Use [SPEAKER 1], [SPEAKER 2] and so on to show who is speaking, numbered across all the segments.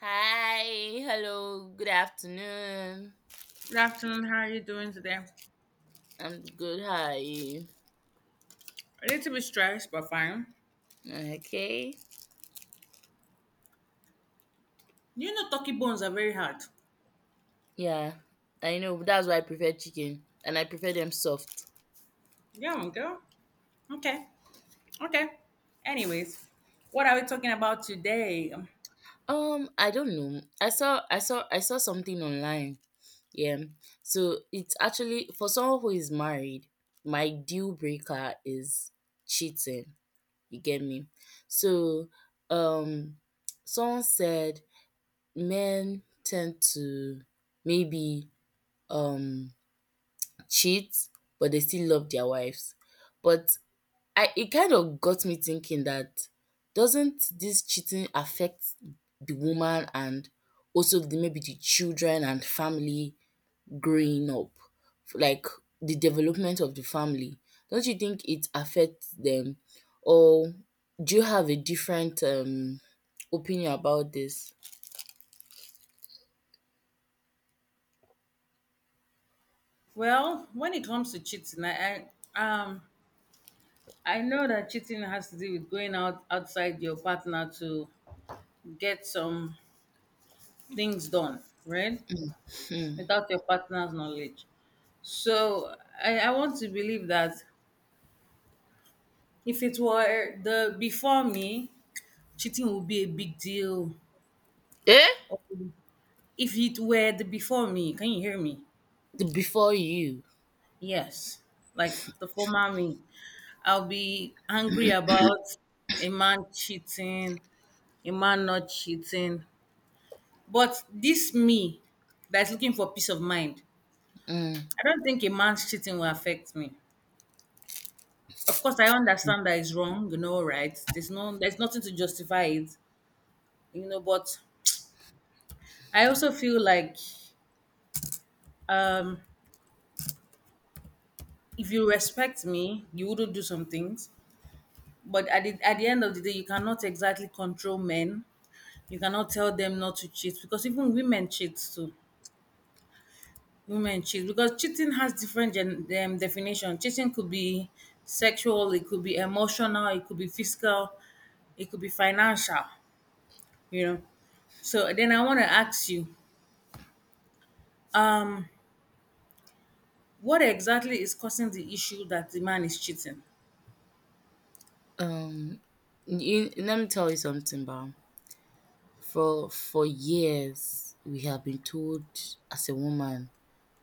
[SPEAKER 1] Hi, hello, good afternoon.
[SPEAKER 2] Good afternoon. How are you doing today? A
[SPEAKER 1] I'm good, how are you?
[SPEAKER 2] little bit stressed, but fine.
[SPEAKER 1] Okay.
[SPEAKER 2] You know, turkey bones are very hard.
[SPEAKER 1] Yeah, I know, that's why I prefer chicken and I prefer them soft.
[SPEAKER 2] Yeah, girl. Okay. Okay. Anyways, what are we talking about today?
[SPEAKER 1] I don't know. I saw something online. Yeah. So it's actually for someone who is married, my deal breaker is cheating. You get me? So um someone said men tend to maybe um cheat, but they still love their wives. But I it kind of got me thinking that doesn't this cheating affect the woman and also maybe the children and family growing up, like the development of the family? Don't you think it affects them? Or do you have a different opinion about this?
[SPEAKER 2] Well, when it comes to cheating, I I know that cheating has to do with going out outside your partner to get some things done, right?
[SPEAKER 1] Hmm.
[SPEAKER 2] Without your partner's knowledge. So I want to believe that if it were the before me, cheating would be a big deal.
[SPEAKER 1] Eh?
[SPEAKER 2] Or if it were the before me, can you hear me?
[SPEAKER 1] Before you,
[SPEAKER 2] Yes, like the former me, I'll be angry about a man cheating, a man not cheating. But this me that's looking for peace of mind,
[SPEAKER 1] mm,
[SPEAKER 2] I don't think a man's cheating will affect me. Of course, I understand that it's wrong, you know, right? There's nothing to justify it, you know. But I also feel like um if you respect me, you wouldn't do some things. But at the end of the day, you cannot exactly control men. You cannot tell them not to cheat because even women cheat too. Women cheat because cheating has different definition. Cheating could be sexual, it could be emotional, it could be physical, it could be financial. You know. So then I want to ask you, um, what exactly is causing the issue that the man is cheating?
[SPEAKER 1] um, you, let me tell you something, Bao. For years, we have been told as a woman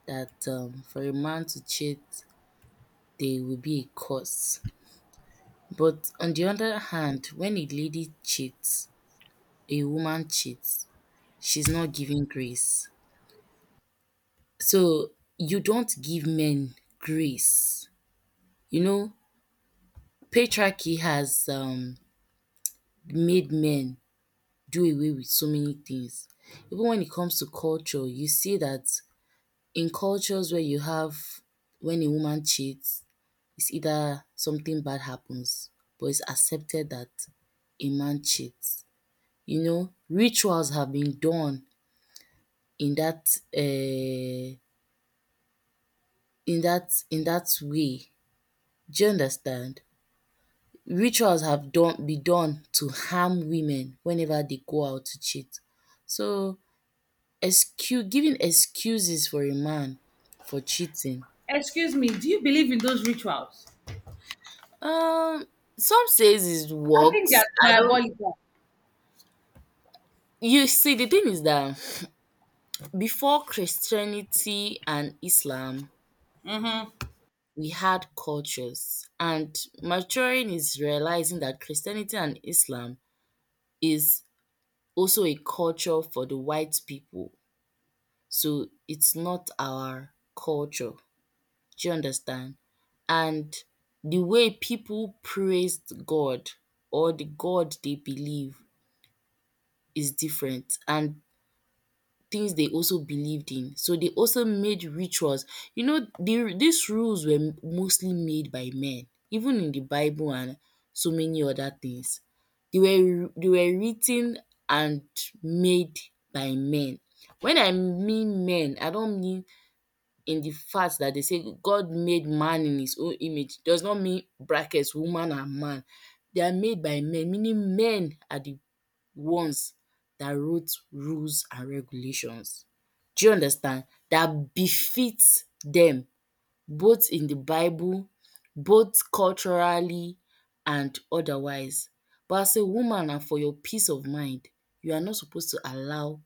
[SPEAKER 1] that for a man to cheat, there will be a cost. But on the other hand, when a lady cheats, a woman cheats, she's not giving grace. So you don't give men grace. You know, patriarchy has made men do away with so many things. Even when it comes to culture, you see that in cultures where you have when a woman cheats, it's either something bad happens, but it's accepted that a man cheats. You know, rituals have been done in that uh, in that way. Do you understand? Rituals have done be done to harm women whenever they go out to cheat. So excuse giving excuses for a man for cheating.
[SPEAKER 2] Excuse me, do you believe in those rituals?
[SPEAKER 1] Um, some says it
[SPEAKER 2] I think they're
[SPEAKER 1] works. I don't.
[SPEAKER 2] diabolical.
[SPEAKER 1] You see, the thing is that before Christianity and Islam, we had cultures, and maturing is realizing that Christianity and Islam is also a culture for the white people. So it's not our culture. Do you understand? And the way people praised God or the God they believe is different, and things they also believed in. So they also made rituals. You know, these rules were mostly made by men, even in the Bible and so many other things. They were written and made by men. When I mean men, I don't mean in the fact that they say God made man in his own image. Does not mean brackets woman and man. They are made by men, meaning men are the ones dat wrote rules and regulations. Do you understand? Dat befit dem both in di bible, both culturally and otherwise. But as a woman na for your peace of mind, you are not suppose to allow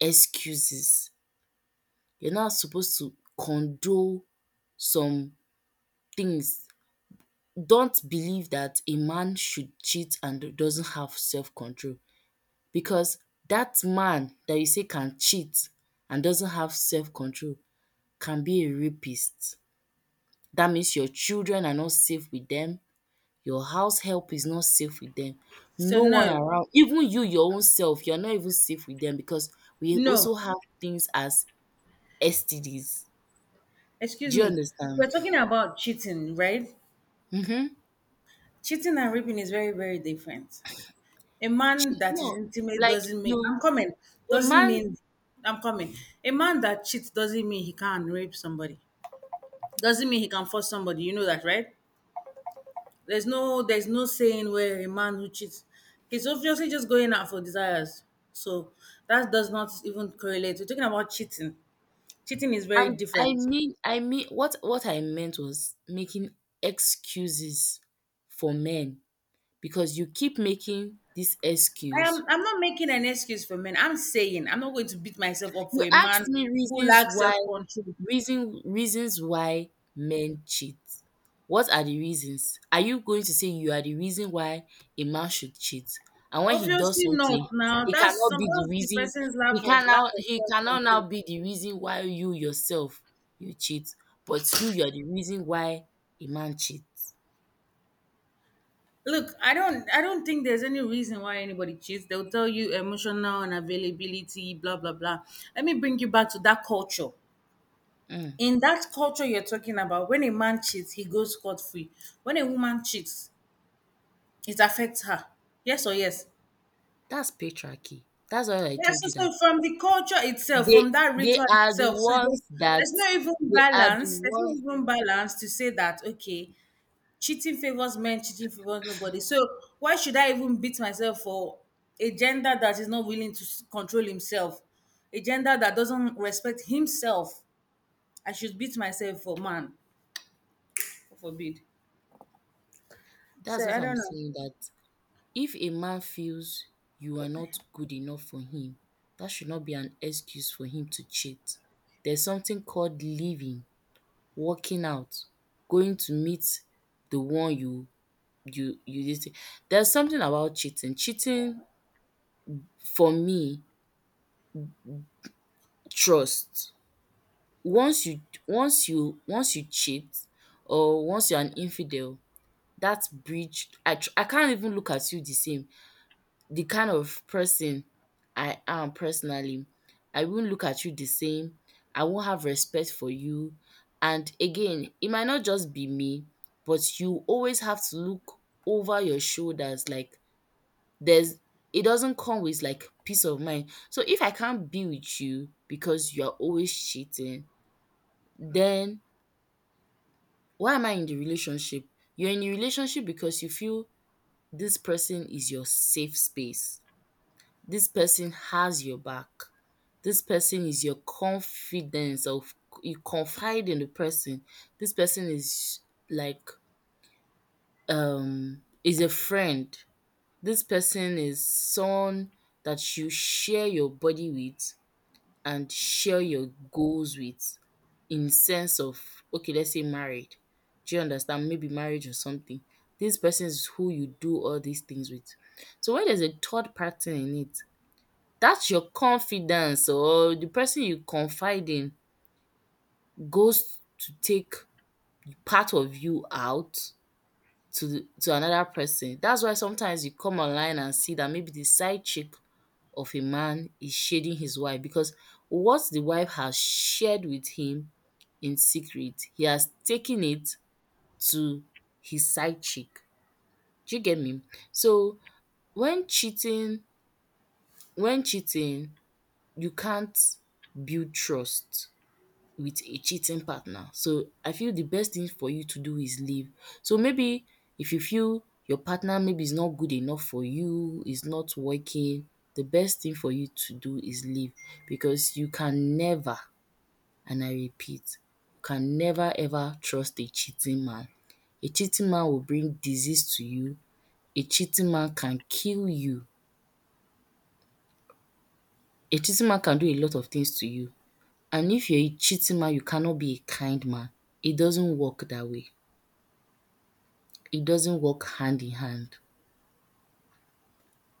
[SPEAKER 1] excuses, you are not suppose to condone some things. Don't believe dat a man should cheat and doesn't have self control. Because that man that you say can cheat and doesn't have self control can be a rapist. That means your children are not safe with them, your house help is not safe with them,
[SPEAKER 2] So
[SPEAKER 1] no one
[SPEAKER 2] no,
[SPEAKER 1] around, even you your own self, you're not even safe with them because we
[SPEAKER 2] no,
[SPEAKER 1] also have things as STDs.
[SPEAKER 2] Excuse
[SPEAKER 1] Do you
[SPEAKER 2] me.
[SPEAKER 1] understand?
[SPEAKER 2] We're talking about cheating, right?
[SPEAKER 1] Mhm.
[SPEAKER 2] Cheating and raping is very, very different. A man that is
[SPEAKER 1] No,
[SPEAKER 2] intimate
[SPEAKER 1] like
[SPEAKER 2] doesn't mean
[SPEAKER 1] you
[SPEAKER 2] I'm coming.
[SPEAKER 1] a
[SPEAKER 2] Doesn't
[SPEAKER 1] man,
[SPEAKER 2] mean I'm coming. A man that cheats doesn't mean he can't rape somebody. Doesn't mean he can force somebody. You know that, right? There's no saying where a man who cheats he's obviously just going out for desires. So that does not even correlate. We're talking about cheating. Cheating is very
[SPEAKER 1] and I
[SPEAKER 2] different.
[SPEAKER 1] mean I mean what I meant was making excuses for men because you keep making this
[SPEAKER 2] I
[SPEAKER 1] excuse.
[SPEAKER 2] am I'm not making an excuse for men. I'm saying I'm not going to beat myself up for
[SPEAKER 1] You
[SPEAKER 2] a man
[SPEAKER 1] asked me
[SPEAKER 2] who
[SPEAKER 1] reasons
[SPEAKER 2] lacks self
[SPEAKER 1] why
[SPEAKER 2] control.
[SPEAKER 1] reasons why men cheat. What are the reasons? Are you going to say you are the reason why a man should cheat? And when he does
[SPEAKER 2] Obviously
[SPEAKER 1] something,
[SPEAKER 2] not. Now
[SPEAKER 1] he
[SPEAKER 2] that's
[SPEAKER 1] cannot
[SPEAKER 2] some
[SPEAKER 1] be the
[SPEAKER 2] that's the
[SPEAKER 1] reason
[SPEAKER 2] person's lack of lack of
[SPEAKER 1] he
[SPEAKER 2] self
[SPEAKER 1] cannot
[SPEAKER 2] control.
[SPEAKER 1] now be the reason why you yourself you cheat, but you're the reason why a man cheats.
[SPEAKER 2] Look, I don't think there's any reason why anybody cheats. They'll tell you emotional unavailability, blah blah blah. Let me bring you back to that culture.
[SPEAKER 1] Mm,
[SPEAKER 2] In that culture you're talking about, when a man cheats, he goes scot free. When a woman cheats, it affects her. Yes or yes?
[SPEAKER 1] that's patriarchy. That's why I
[SPEAKER 2] Yes,
[SPEAKER 1] told you
[SPEAKER 2] so,
[SPEAKER 1] that.
[SPEAKER 2] so from the culture itself, from
[SPEAKER 1] They
[SPEAKER 2] that
[SPEAKER 1] they
[SPEAKER 2] ritual
[SPEAKER 1] are the
[SPEAKER 2] itself, so there's,
[SPEAKER 1] ones that
[SPEAKER 2] there's no even
[SPEAKER 1] they are the
[SPEAKER 2] balance. There's no
[SPEAKER 1] ones
[SPEAKER 2] even balance to say that okay, cheating favors men, cheating favors nobody. So why should I even beat myself for a gender that is not willing to control himself, a gender that doesn't respect himself? I should beat myself for man, God forbid. So
[SPEAKER 1] That's what
[SPEAKER 2] I
[SPEAKER 1] I'm
[SPEAKER 2] don't know.
[SPEAKER 1] saying, that if a man feels you are not good enough for him, that should not be an excuse for him to cheat. There's something called leaving, walking out, going to meet the one you did. There's something about cheating. Cheating for me, trust. Once you once you cheat or once you're an infidel, that bridge I can't even look at you the same. The kind of person I am personally, I won't look at you the same, I won't have respect for you. And again, it might not just be me, but you always have to look over your shoulders, like there's, it doesn't come with like peace of mind. So if I can't be with you because you're always cheating, then why am I in the relationship? You're in a relationship because you feel this person is your safe space. This person has your back. This person is your confidence of, you confide in the person. This person is like is a friend. This person is someone that you share your body with and share your goals with, in sense of, okay, let's say married, do you understand, maybe marriage or something. This person is who you do all these things with. So when there's a third person in it, that's your confidence, or the person you confide in goes to take part of you out to another person. That's why sometimes you come online and see that maybe the side chick of a man is shading his wife because what the wife has shared with him in secret, he has taken it to his side chick. Do you get me? So when cheating when cheating, you can't build trust with a cheating partner. So I feel the best thing for you to do is leave. So maybe if you feel your partner maybe is not good enough for you, is not working, the best thing for you to do is leave, because you can never, and I repeat, you can never ever trust a cheating man. A cheating man will bring disease to you. A cheating man can kill you. A cheating man can do a lot of things to you. And if you're a cheating man, you cannot be a kind man. It doesn't work that way. It doesn't work hand in hand.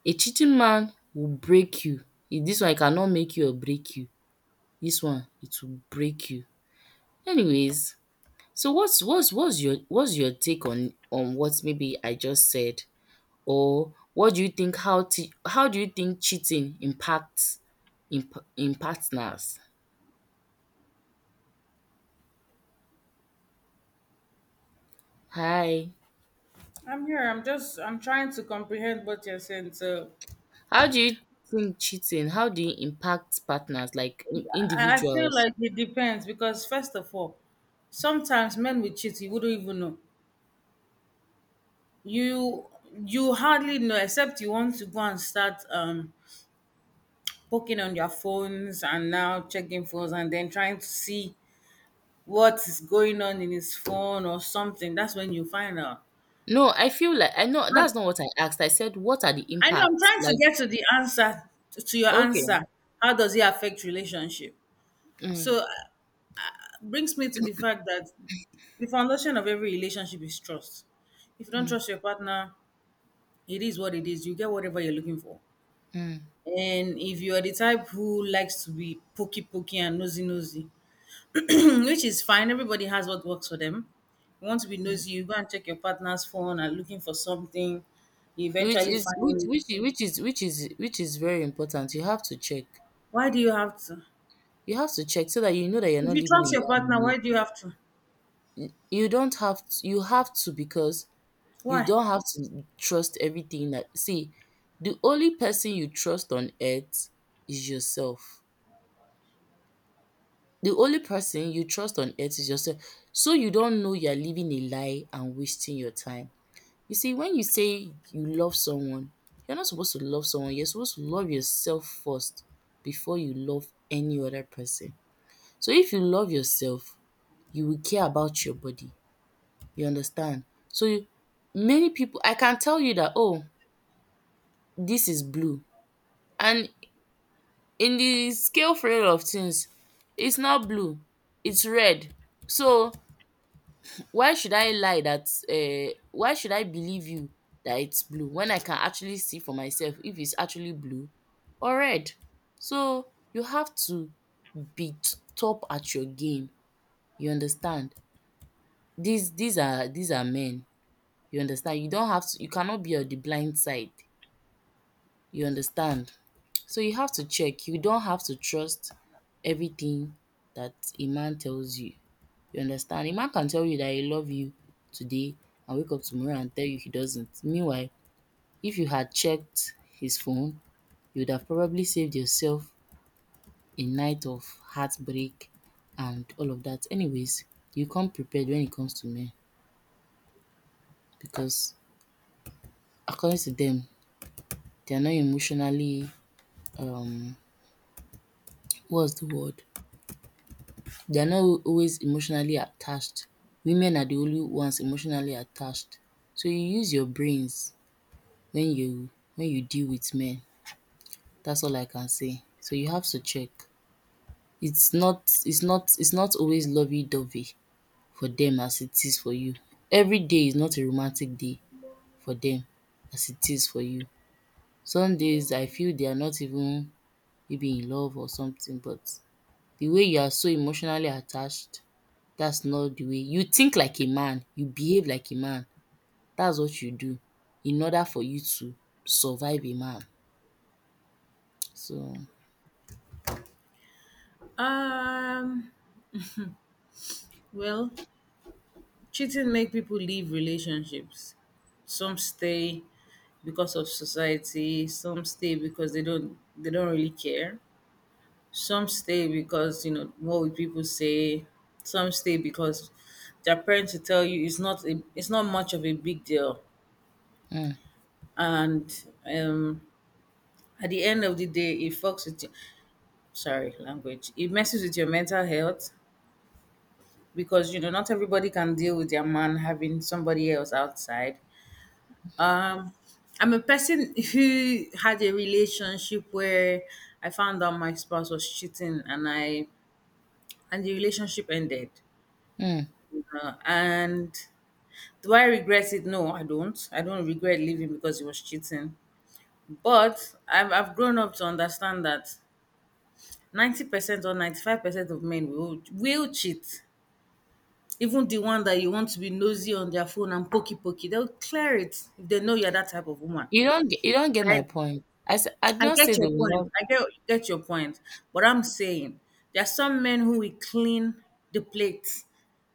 [SPEAKER 1] A cheating man will break you. If this one it cannot make you or break you, this one it will break you. Anyways, so what's your take on what maybe I just said, or what do you think, how do you think cheating impacts in partners? Hi.
[SPEAKER 2] I'm here. I'm just. I'm trying to comprehend what you're saying. So.
[SPEAKER 1] How do you think cheating, how do you impact partners, like
[SPEAKER 2] I feel
[SPEAKER 1] individuals?
[SPEAKER 2] like it depends because first of all, sometimes men will cheat, you wouldn't even know. You you hardly know except you want to go and start poking on your phones and now checking phones and then trying to see what is going on in his phone or something. That's when you find out.
[SPEAKER 1] No, I feel like I know
[SPEAKER 2] I
[SPEAKER 1] that's not what I asked. I said, "What are the
[SPEAKER 2] I know I'm
[SPEAKER 1] impacts?"
[SPEAKER 2] trying to
[SPEAKER 1] Like,
[SPEAKER 2] get to the answer to your
[SPEAKER 1] okay,
[SPEAKER 2] answer. How does it affect relationship?
[SPEAKER 1] mm,
[SPEAKER 2] So brings me to the fact that the foundation of every relationship is trust. If you don't
[SPEAKER 1] mm,
[SPEAKER 2] trust your partner, it is what it is. You get whatever you're looking for.
[SPEAKER 1] mm.
[SPEAKER 2] And if you are the type who likes to be pokey pokey and nosy nosy, which is fine, everybody has what works for them. You want to be nosy, you go and check your partner's phone and looking for something. You eventually find it.
[SPEAKER 1] Which is which is which is which is very important. You have to check.
[SPEAKER 2] Why do you have to?
[SPEAKER 1] You have to check so that you know that you're
[SPEAKER 2] If
[SPEAKER 1] not
[SPEAKER 2] you
[SPEAKER 1] living
[SPEAKER 2] trust
[SPEAKER 1] a
[SPEAKER 2] your
[SPEAKER 1] lie
[SPEAKER 2] partner,
[SPEAKER 1] in it.
[SPEAKER 2] why do you have to?
[SPEAKER 1] You don't have to, you have to, because you
[SPEAKER 2] Why?
[SPEAKER 1] don't have to trust everything that see. The only person you trust on earth is yourself. The only person you trust on earth is yourself. So you don't know you're living a lie and wasting your time. You see, when you say you love someone, you're not supposed to love someone. You're supposed to love yourself first before you love any other person. So if you love yourself, you will care about your body. You understand? So you- many people, I can tell you that, oh, this is blue. And in the scale frame of things, it's not blue, it's red. So why should I lie that why should I believe you that it's blue when I can actually see for myself if it's actually blue or red? So you have to be top at your game. You understand? These are men. You understand? You don't have to, you cannot be on the blind side. You understand? So you have to check. You don't have to trust everything that a man tells you. You understand? A man can tell you that he love you today and wake up tomorrow and tell you he doesn't. Meanwhile, if you had checked his phone, you would have probably saved yourself a night of heartbreak and all of that. Anyways, you come prepared when it comes to men because according to them, they are not emotionally um what's the word? They are not always emotionally attached. Women are the only ones emotionally attached. So you use your brains when you deal with men. That's all I can say. So you have to check. It's not always lovey dovey for them as it is for you. Every day is not a romantic day for them as it is for you. Some days I feel they are not even maybe in love or something, but the way you are so emotionally attached, that's not the way you think like a man, you behave like a man. That's what you do in order for you to survive a man. So
[SPEAKER 2] Um. Well, cheating make people leave relationships. Some stay because of society, some stay because they don't really care. Some stay because, you know, what would people say? Some stay because their parents will tell you it's not much of a big deal.
[SPEAKER 1] mm,
[SPEAKER 2] And at the end of the day it fucks with you sorry, language. It messes with your mental health because you know not everybody can deal with their man having somebody else outside. Um, I'm a person who had a relationship where I found out my spouse was cheating, and the relationship ended.
[SPEAKER 1] mm.
[SPEAKER 2] And Do I regret it? No, I don't. I don't regret leaving because he was cheating. But I've grown up to understand that 90% or 95% of men will cheat. Even the one that you want to be nosy on their phone and pokey pokey, they'll clear it if they know you're that type of woman.
[SPEAKER 1] You don't get
[SPEAKER 2] By
[SPEAKER 1] my point. I did
[SPEAKER 2] I
[SPEAKER 1] not say
[SPEAKER 2] get
[SPEAKER 1] they
[SPEAKER 2] your
[SPEAKER 1] will
[SPEAKER 2] point.
[SPEAKER 1] not
[SPEAKER 2] I Get your point. But I'm saying there are some men who will clean the plate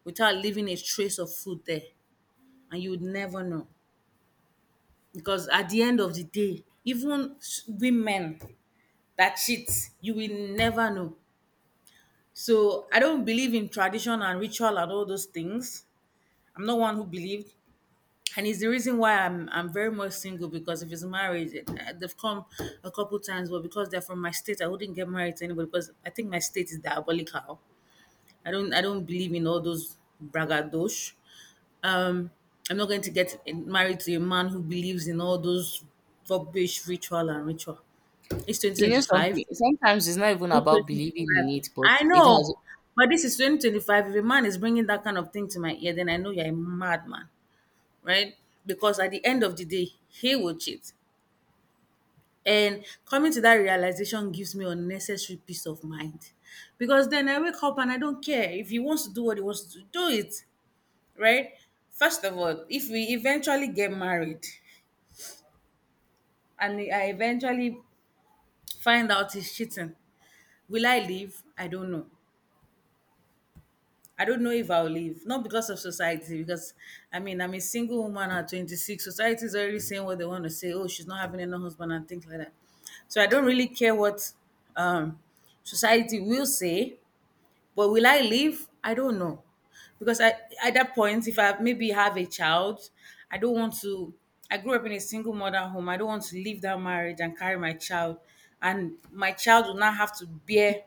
[SPEAKER 2] without leaving a trace of food there, and you would never know. Because at the end of the day, even women that cheat, you will never know. So I don't believe in tradition and ritual and all those things. I'm not one who believed. And it's the reason why I'm very much single because if it's married, eh, they've come a couple times, but because they're from my state, I wouldn't get married to anybody because I think my state is diabolical. I don't believe in all those braggadosh. Um, I'm not going to get married to a man who believes in all those rubbish ritual and ritual. It's
[SPEAKER 1] you know
[SPEAKER 2] 2025.
[SPEAKER 1] something, Sometimes it's not
[SPEAKER 2] It's
[SPEAKER 1] even about believing in
[SPEAKER 2] 2025.
[SPEAKER 1] it, but
[SPEAKER 2] I
[SPEAKER 1] it
[SPEAKER 2] know,
[SPEAKER 1] has.
[SPEAKER 2] but this is 2025. If a man is bringing that kind of thing to my ear, then I know you're a madman right? Because at the end of the day, he will cheat. And coming to that realization gives me unnecessary peace of mind. Because then I wake up and I don't care. If he wants to do what he wants to do, do it, right? First of all, if we eventually get married and I eventually find out he's cheating, will I leave? I don't know. I don't know if I'll leave. Not because of society, because I mean, I'm a single woman at 26. Society is already saying what they want to say. Oh, she's not having enough husband and things like that. So I don't really care what um, society will say, but will I leave? I don't know. Because I, at that point, if I maybe have a child, I don't want to. I grew up in a single mother home. I don't want to leave that marriage and carry my child. And my child will not have to bear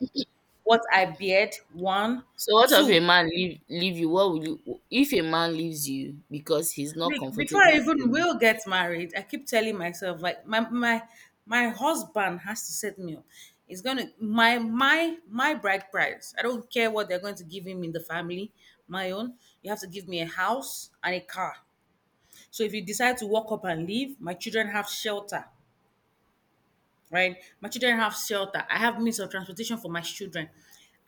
[SPEAKER 2] what I beard, one,
[SPEAKER 1] So what if a
[SPEAKER 2] two.
[SPEAKER 1] man leave you? What will you If a man leaves you because he's not
[SPEAKER 2] Look, before I
[SPEAKER 1] comfortable
[SPEAKER 2] even
[SPEAKER 1] in it?
[SPEAKER 2] will get married, I keep telling myself like my husband has to set me up. It's gonna my bride price. I don't care what they're going to give him in the family, my own. You have to give me a house and a car. So if you decide to walk up and leave, my children have shelter, right? My children have shelter. I have means of transportation for my children.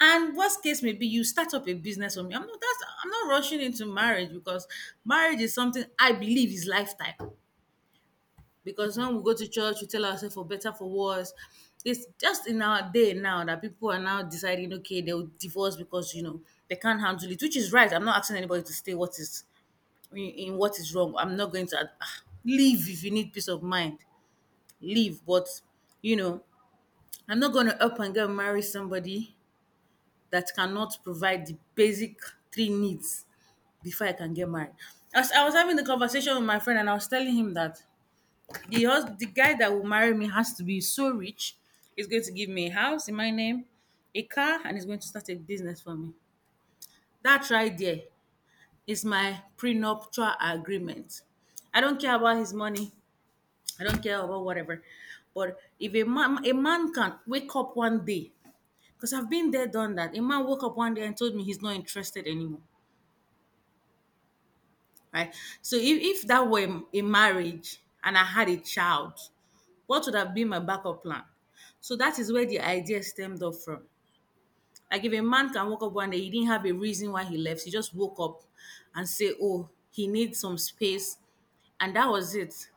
[SPEAKER 2] And worst case may be you start up a business for me. I'm not rushing into marriage because marriage is something I believe is lifetime. Because when we go to church, we tell ourselves for better, for worse. It's just in our day now that people are now deciding, okay, they'll divorce because, you know, they can't handle it, which is right. I'm not asking anybody to stay what is in what is wrong. I'm not going to leave if you need peace of mind. Leave. But, you know, I'm not going to up and go and marry somebody that cannot provide the basic three needs before I can get married. As I was having the conversation with my friend and I was telling him that the guy that will marry me has to be so rich. He's going to give me a house in my name, a car, and he's going to start a business for me. That right there is my prenuptial agreement. I don't care about his money. I don't care about whatever. But if a man can wake up one day, because I've been there, done that. A man woke up one day and told me he's not interested anymore. Right. So if that were a marriage and I had a child, what would have been my backup plan? So that is where the idea stemmed up from. Like if a man can wake up one day, he didn't have a reason why he left. He just woke up and say, "Oh, he needs some space," and that was it.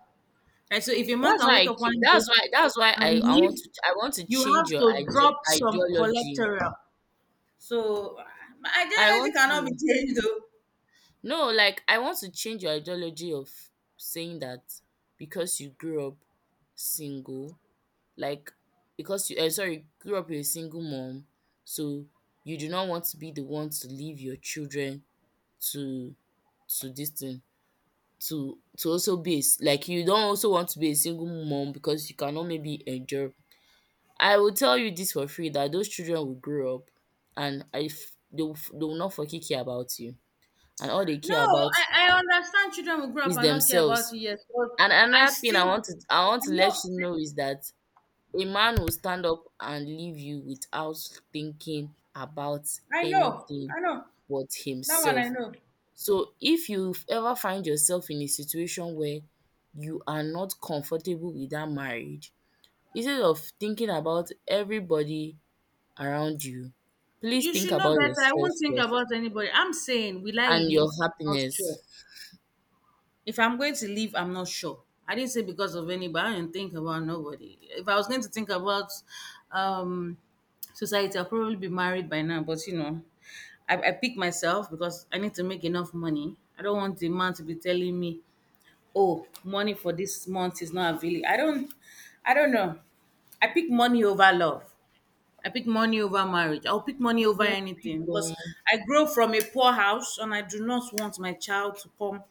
[SPEAKER 2] Right. So if a man
[SPEAKER 1] That's
[SPEAKER 2] can
[SPEAKER 1] why I
[SPEAKER 2] wake up
[SPEAKER 1] keep
[SPEAKER 2] one day
[SPEAKER 1] that's why
[SPEAKER 2] and leave,
[SPEAKER 1] I want to
[SPEAKER 2] you
[SPEAKER 1] change
[SPEAKER 2] have
[SPEAKER 1] your
[SPEAKER 2] to drop some
[SPEAKER 1] ideology.
[SPEAKER 2] collateral. So my
[SPEAKER 1] I
[SPEAKER 2] ideology
[SPEAKER 1] want
[SPEAKER 2] cannot be
[SPEAKER 1] to—
[SPEAKER 2] changed though.
[SPEAKER 1] no, like I want to change your ideology of saying that because you grew up single, like, because you sorry, grew up with a single mom, so you do not want to be the one to leave your children to— to this thing, to— to also be a like, you don't also want to be a single mom because you cannot maybe endure. I will tell you this for free that those children will grow up, and if they will, they will not fucking care about you, and all they
[SPEAKER 2] No,
[SPEAKER 1] care about
[SPEAKER 2] I understand children will grow up
[SPEAKER 1] is
[SPEAKER 2] and not care about
[SPEAKER 1] themselves.
[SPEAKER 2] you, yes, but
[SPEAKER 1] And
[SPEAKER 2] I
[SPEAKER 1] another thing i
[SPEAKER 2] still
[SPEAKER 1] want to i want
[SPEAKER 2] I
[SPEAKER 1] to let
[SPEAKER 2] know.
[SPEAKER 1] you know is that a man will stand up and leave you without thinking about
[SPEAKER 2] I know,
[SPEAKER 1] anything
[SPEAKER 2] I know.
[SPEAKER 1] but
[SPEAKER 2] That one
[SPEAKER 1] himself.
[SPEAKER 2] I know.
[SPEAKER 1] So if you ever find yourself in a situation where you are not comfortable with that marriage, instead of thinking about everybody around you, please
[SPEAKER 2] You
[SPEAKER 1] think
[SPEAKER 2] should know
[SPEAKER 1] about
[SPEAKER 2] better. I
[SPEAKER 1] yourself
[SPEAKER 2] won't think
[SPEAKER 1] first
[SPEAKER 2] about anybody. I'm saying, will I
[SPEAKER 1] and your
[SPEAKER 2] leave? I'm not
[SPEAKER 1] happiness.
[SPEAKER 2] sure. If I'm going to leave, I'm not sure. I didn't say because of anybody. I didn't think about nobody. If I was going to think about um, society, I'll probably be married by now. But you know, I pick myself because I need to make enough money. I don't want the man to be telling me, "Oh, money for this month is not available." I don't. I don't know. I pick money over love. I pick money over marriage. I'll pick money
[SPEAKER 1] I
[SPEAKER 2] over
[SPEAKER 1] get, big
[SPEAKER 2] anything because
[SPEAKER 1] one.
[SPEAKER 2] I grow from a poor house and I do not want my child to come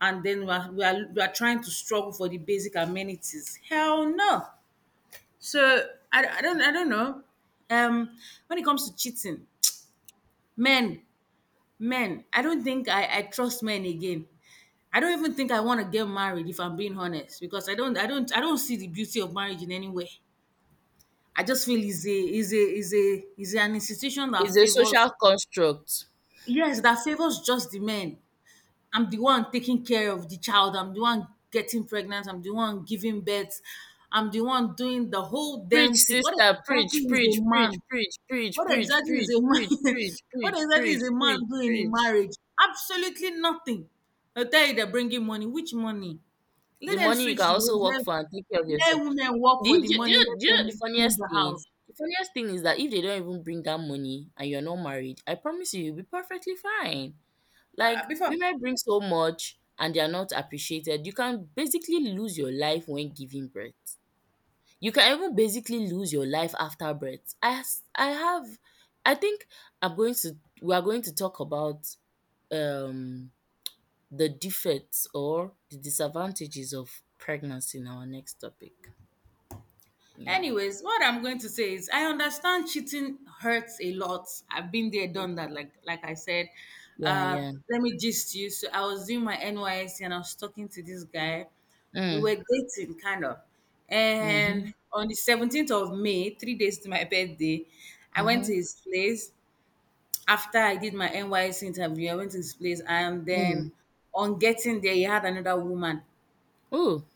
[SPEAKER 2] and then we are trying to struggle for the basic amenities. Hell no. So I don't know. Um, when it comes to cheating, men, men, I don't think I trust men again. I don't even think I want to get married if I'm being honest because I don't see the beauty of marriage in any way. I just feel is a is an institution that
[SPEAKER 1] It's a
[SPEAKER 2] favors.
[SPEAKER 1] social construct.
[SPEAKER 2] Yes, that favors just the men. I'm the one taking care of the child. I'm the one getting pregnant. I'm the one giving birth. I'm the one doing the whole
[SPEAKER 1] Preach,
[SPEAKER 2] damn thing. What
[SPEAKER 1] sister,
[SPEAKER 2] exactly
[SPEAKER 1] preach,
[SPEAKER 2] is a
[SPEAKER 1] preach, preach,
[SPEAKER 2] man?
[SPEAKER 1] preach, preach,
[SPEAKER 2] What
[SPEAKER 1] preach, preach,
[SPEAKER 2] exactly is
[SPEAKER 1] preach,
[SPEAKER 2] a man?
[SPEAKER 1] preach,
[SPEAKER 2] What
[SPEAKER 1] preach,
[SPEAKER 2] exactly
[SPEAKER 1] preach,
[SPEAKER 2] is a man
[SPEAKER 1] preach,
[SPEAKER 2] doing in
[SPEAKER 1] preach.
[SPEAKER 2] marriage? Absolutely nothing. I tell you, they're bringing money. Which money?
[SPEAKER 1] The
[SPEAKER 2] Let them
[SPEAKER 1] money you can
[SPEAKER 2] switch the
[SPEAKER 1] also
[SPEAKER 2] roles.
[SPEAKER 1] work
[SPEAKER 2] Let,
[SPEAKER 1] for and take care of yourself.
[SPEAKER 2] let women work for the money. Let
[SPEAKER 1] Do you know the
[SPEAKER 2] them clean
[SPEAKER 1] funniest
[SPEAKER 2] the
[SPEAKER 1] thing?
[SPEAKER 2] house.
[SPEAKER 1] The funniest thing is that if they don't even bring that money and you're not married, I promise you, you'll be perfectly fine.
[SPEAKER 2] Uh,
[SPEAKER 1] Like,
[SPEAKER 2] before
[SPEAKER 1] women bring so much and they are not appreciated. You can basically lose your life when giving birth. You can even basically lose your life after birth. I have— I think I'm going to— we are going to talk about um the defects or the disadvantages of pregnancy in our next topic. Yeah.
[SPEAKER 2] Anyways, what I'm going to say is I understand cheating hurts a lot. I've been there, done that, like I said.
[SPEAKER 1] Yeah,
[SPEAKER 2] Uh,
[SPEAKER 1] yeah.
[SPEAKER 2] Let me gist you. So I was doing my NYSC and I was talking to this guy. We were
[SPEAKER 1] Mm,
[SPEAKER 2] dating kind of.
[SPEAKER 1] mm-hmm,
[SPEAKER 2] And on the 17th of May, 3 days to my birthday, I went
[SPEAKER 1] mm-hmm,
[SPEAKER 2] to his place. After I did my NYSC interview, I went to his place, and then
[SPEAKER 1] mm.
[SPEAKER 2] on getting there, he had another woman.
[SPEAKER 1] Ooh,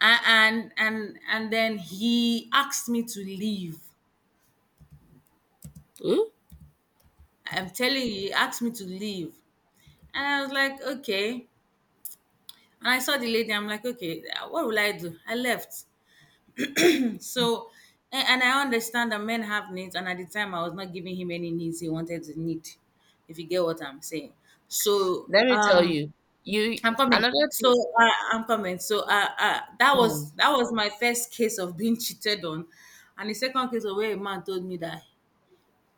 [SPEAKER 2] And then he asked me to leave.
[SPEAKER 1] ooh.
[SPEAKER 2] I'm telling you, he asked me to leave. And I was like, okay. And I saw the lady, I'm like, okay, what will I do? I left. So, and I understand that men have needs. And at the time, I was not giving him any needs he wanted to need, if you get what I'm saying. So,
[SPEAKER 1] Let me tell you. You— another thing.
[SPEAKER 2] I'm coming. So uh, uh, that
[SPEAKER 1] Mm.
[SPEAKER 2] was that was my first case of being cheated on, and the second case of where a man told me that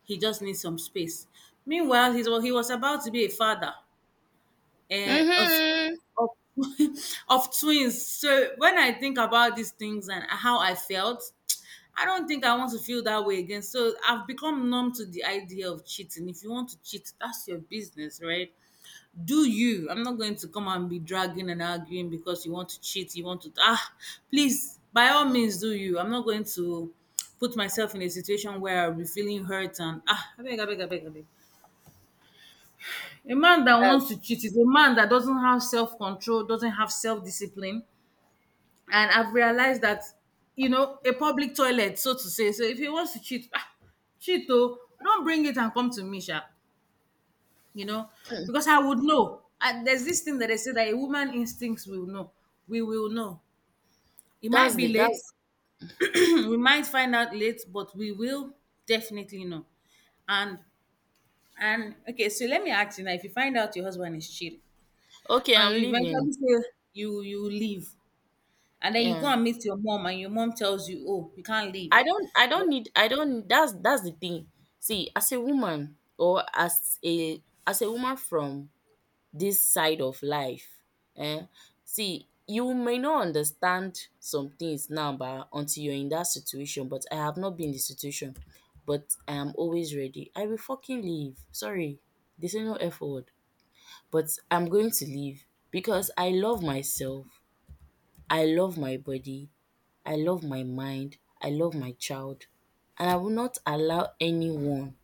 [SPEAKER 2] he just needs some space. Meanwhile, he was about to be a father uh,
[SPEAKER 1] Mm-hmm,
[SPEAKER 2] of
[SPEAKER 1] mm-hmm.
[SPEAKER 2] of, of twins. So when I think about these things and how I felt, I don't think I want to feel that way again. So I've become numb to the idea of cheating. If you want to cheat, that's your business, right? Do you? I'm not going to come and be dragging and arguing because you want to cheat. You want to ah, please by all means do you. I'm not going to put myself in a situation where I'll be feeling hurt and ah, I beg, I beg, I beg, I beg. A man that
[SPEAKER 1] That's
[SPEAKER 2] wants to cheat is a man that doesn't have self control, doesn't have self discipline. And I've realized that, you know, a public toilet, so to say. So if he wants to cheat, ah, cheat, oh, don't bring it and come to me, sha. You know, because I would know. And there's this thing that they say that a woman instincts will know. We will know. It might
[SPEAKER 1] that's
[SPEAKER 2] be
[SPEAKER 1] the
[SPEAKER 2] late.
[SPEAKER 1] that's
[SPEAKER 2] We might find out late, but we will definitely know. And and okay, so let me ask you now. If you find out your husband is cheating,
[SPEAKER 1] okay,
[SPEAKER 2] and
[SPEAKER 1] I'm
[SPEAKER 2] you
[SPEAKER 1] leaving.
[SPEAKER 2] eventually say you leave and then you go
[SPEAKER 1] Yeah.
[SPEAKER 2] and meet your mom and your mom tells you, oh, you can't
[SPEAKER 1] I
[SPEAKER 2] leave.
[SPEAKER 1] don't I
[SPEAKER 2] Yeah.
[SPEAKER 1] don't need I don't That's the thing. See, as a woman, or as a woman from this side of life, eh, see, you may not understand some things now but until you're in that situation. But I have not been in the situation. But I am always ready. I will fucking leave. Sorry. There's no F word. But I'm going to leave because I love myself. I love my body. I love my mind, I love my child, and I will not allow anyone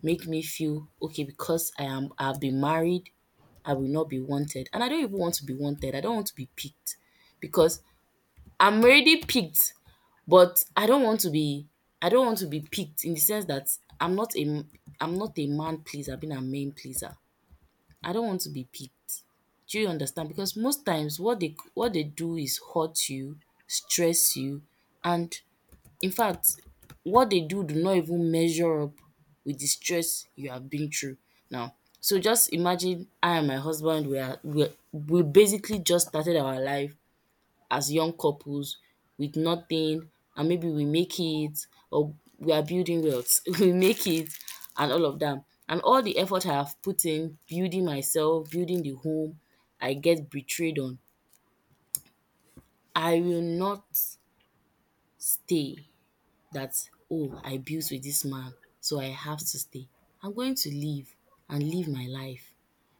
[SPEAKER 1] make me feel okay because I am— I've been married, I will not be wanted. And I don't even want to be wanted. I don't want to be picked because I'm already picked, but I don't want to be— I don't want to be picked in the sense that I'm not a I'm not a man pleaser, being a man pleaser. I don't want to be picked. Do you understand? Because most times what they do is hurt you, stress you, and in fact, what they do do not even measure up with the stress you have been through now. So just imagine I and my husband, we are— we basically just started our life as young couples with nothing, and maybe we make it, or we are building wealth, we make it and all of that. And all the effort I have put in building myself, building the home, I get betrayed on, I will not stay. That, oh, I built with this man, so I have to stay. I'm going to leave and live my life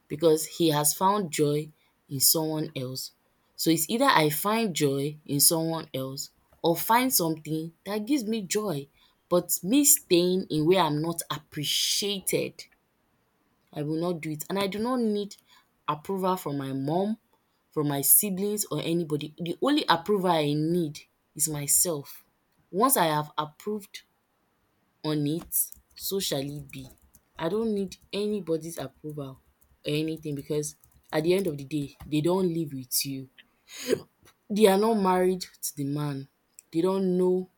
[SPEAKER 1] because he has found joy in someone else. So it's either I find joy in someone else or find something that gives me joy. But me staying in where I'm not appreciated, I will not do it. And I do not need approval from my mom, from my siblings, or anybody. The only approval I need is myself. Once I have approved on it, so shall it be. I don't need anybody's approval or anything because at the end of the day, they don't live with you. They are not married to the man. They don't know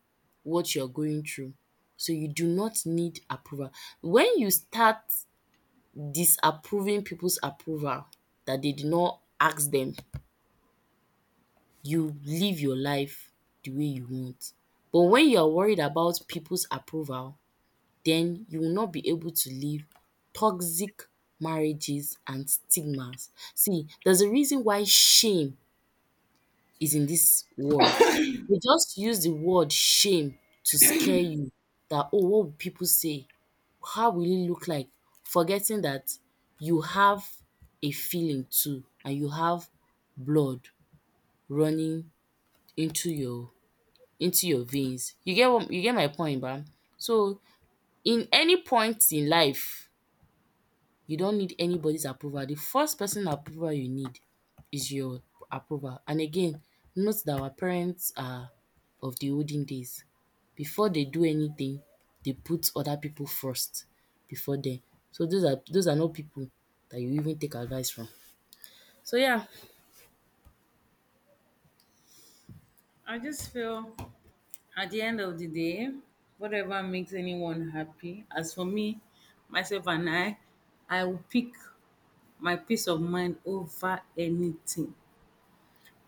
[SPEAKER 1] what you're going through. So you do not need approval. When you start disapproving people's approval that they did not ask them, you live your life the way you want. But when you are worried about people's approval, then you will not be able to leave toxic marriages and stigmas. See, there's a reason why shame is in this word. They just use the word shame to scare you that, oh, what will people say? How will it look like? Forgetting that you have a feeling too and you have blood running into your into your veins. You get what— you get my point, bam. So in any point in life, you don't need anybody's approval. The first person approval you need is your approval. And again, note that our parents are of the olden days. Before they do anything, they put other people first before them. So those are not people that you even take advice from. So yeah,
[SPEAKER 2] I just feel at the end of the day, whatever makes anyone happy, as for me, myself, and I will pick my peace of mind over anything.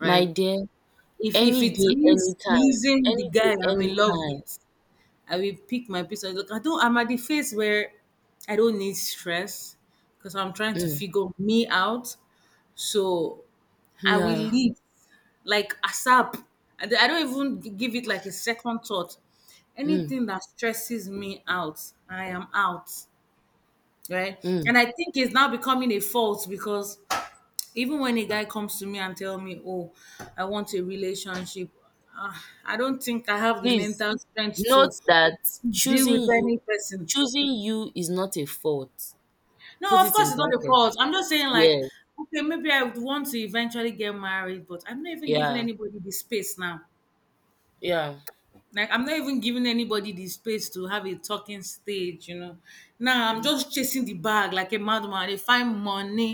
[SPEAKER 1] my dear,
[SPEAKER 2] If
[SPEAKER 1] any
[SPEAKER 2] it
[SPEAKER 1] day,
[SPEAKER 2] means
[SPEAKER 1] anytime,
[SPEAKER 2] losing the
[SPEAKER 1] any
[SPEAKER 2] guy
[SPEAKER 1] day,
[SPEAKER 2] I'm in love
[SPEAKER 1] anytime.
[SPEAKER 2] with, I will pick my piece of look. I don't. I'm at the phase where I don't need stress because I'm trying to
[SPEAKER 1] Mm,
[SPEAKER 2] figure me out. So I will
[SPEAKER 1] yeah.
[SPEAKER 2] leave, like, ASAP. And I don't even give it like a second thought.
[SPEAKER 1] Mm,
[SPEAKER 2] Anything that stresses me out, I am out. Right?
[SPEAKER 1] mm.
[SPEAKER 2] And I think it's now becoming a fault because even when a guy comes to me and tell me, "Oh, I want a relationship," ah, I don't think I have the
[SPEAKER 1] Please
[SPEAKER 2] mental strength
[SPEAKER 1] note
[SPEAKER 2] to
[SPEAKER 1] that
[SPEAKER 2] deal with
[SPEAKER 1] choosing you,
[SPEAKER 2] any person.
[SPEAKER 1] choosing you is not a fault.
[SPEAKER 2] No,
[SPEAKER 1] Put
[SPEAKER 2] of
[SPEAKER 1] it
[SPEAKER 2] course
[SPEAKER 1] in
[SPEAKER 2] it's not the
[SPEAKER 1] brackets.
[SPEAKER 2] fault. I'm just saying like,
[SPEAKER 1] Yes.
[SPEAKER 2] okay, maybe I would want to eventually get married, but I'm not even giving
[SPEAKER 1] Yeah.
[SPEAKER 2] anybody the space now.
[SPEAKER 1] Yeah.
[SPEAKER 2] Like, I'm not even giving anybody the space to have a talking stage, you know. Now I'm
[SPEAKER 1] Mm.
[SPEAKER 2] just chasing the bag like a madman. I find money.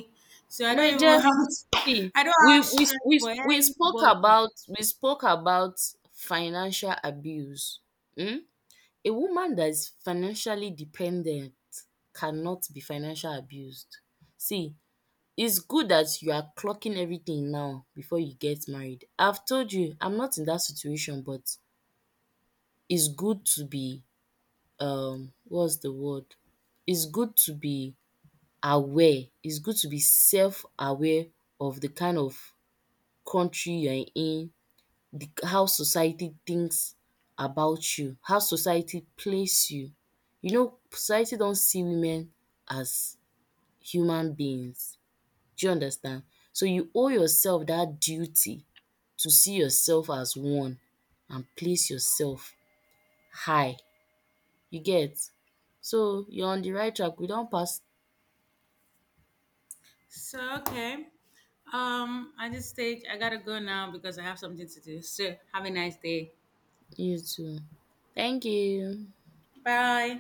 [SPEAKER 2] So I
[SPEAKER 1] My
[SPEAKER 2] don't
[SPEAKER 1] dear,
[SPEAKER 2] even have.
[SPEAKER 1] see,
[SPEAKER 2] I don't have strength for anybody.
[SPEAKER 1] we spoke about financial abuse. Mm? A woman that is financially dependent cannot be financial abused. See, it's good that you are clocking everything now before you get married. I've told you, I'm not in that situation, but it's good to be, um, what's the word? It's good to be aware. It's good to be self aware of the kind of country you're in, the— how society thinks about you, how society place you. You know society don't see women as human beings. Do you understand? So you owe yourself that duty to see yourself as one and place yourself high. You get? So you're on the right track. We don't pass—
[SPEAKER 2] So okay. At this stage I gotta go now because I have something to do. So have a nice day.
[SPEAKER 1] you too. Thank you.
[SPEAKER 2] Bye.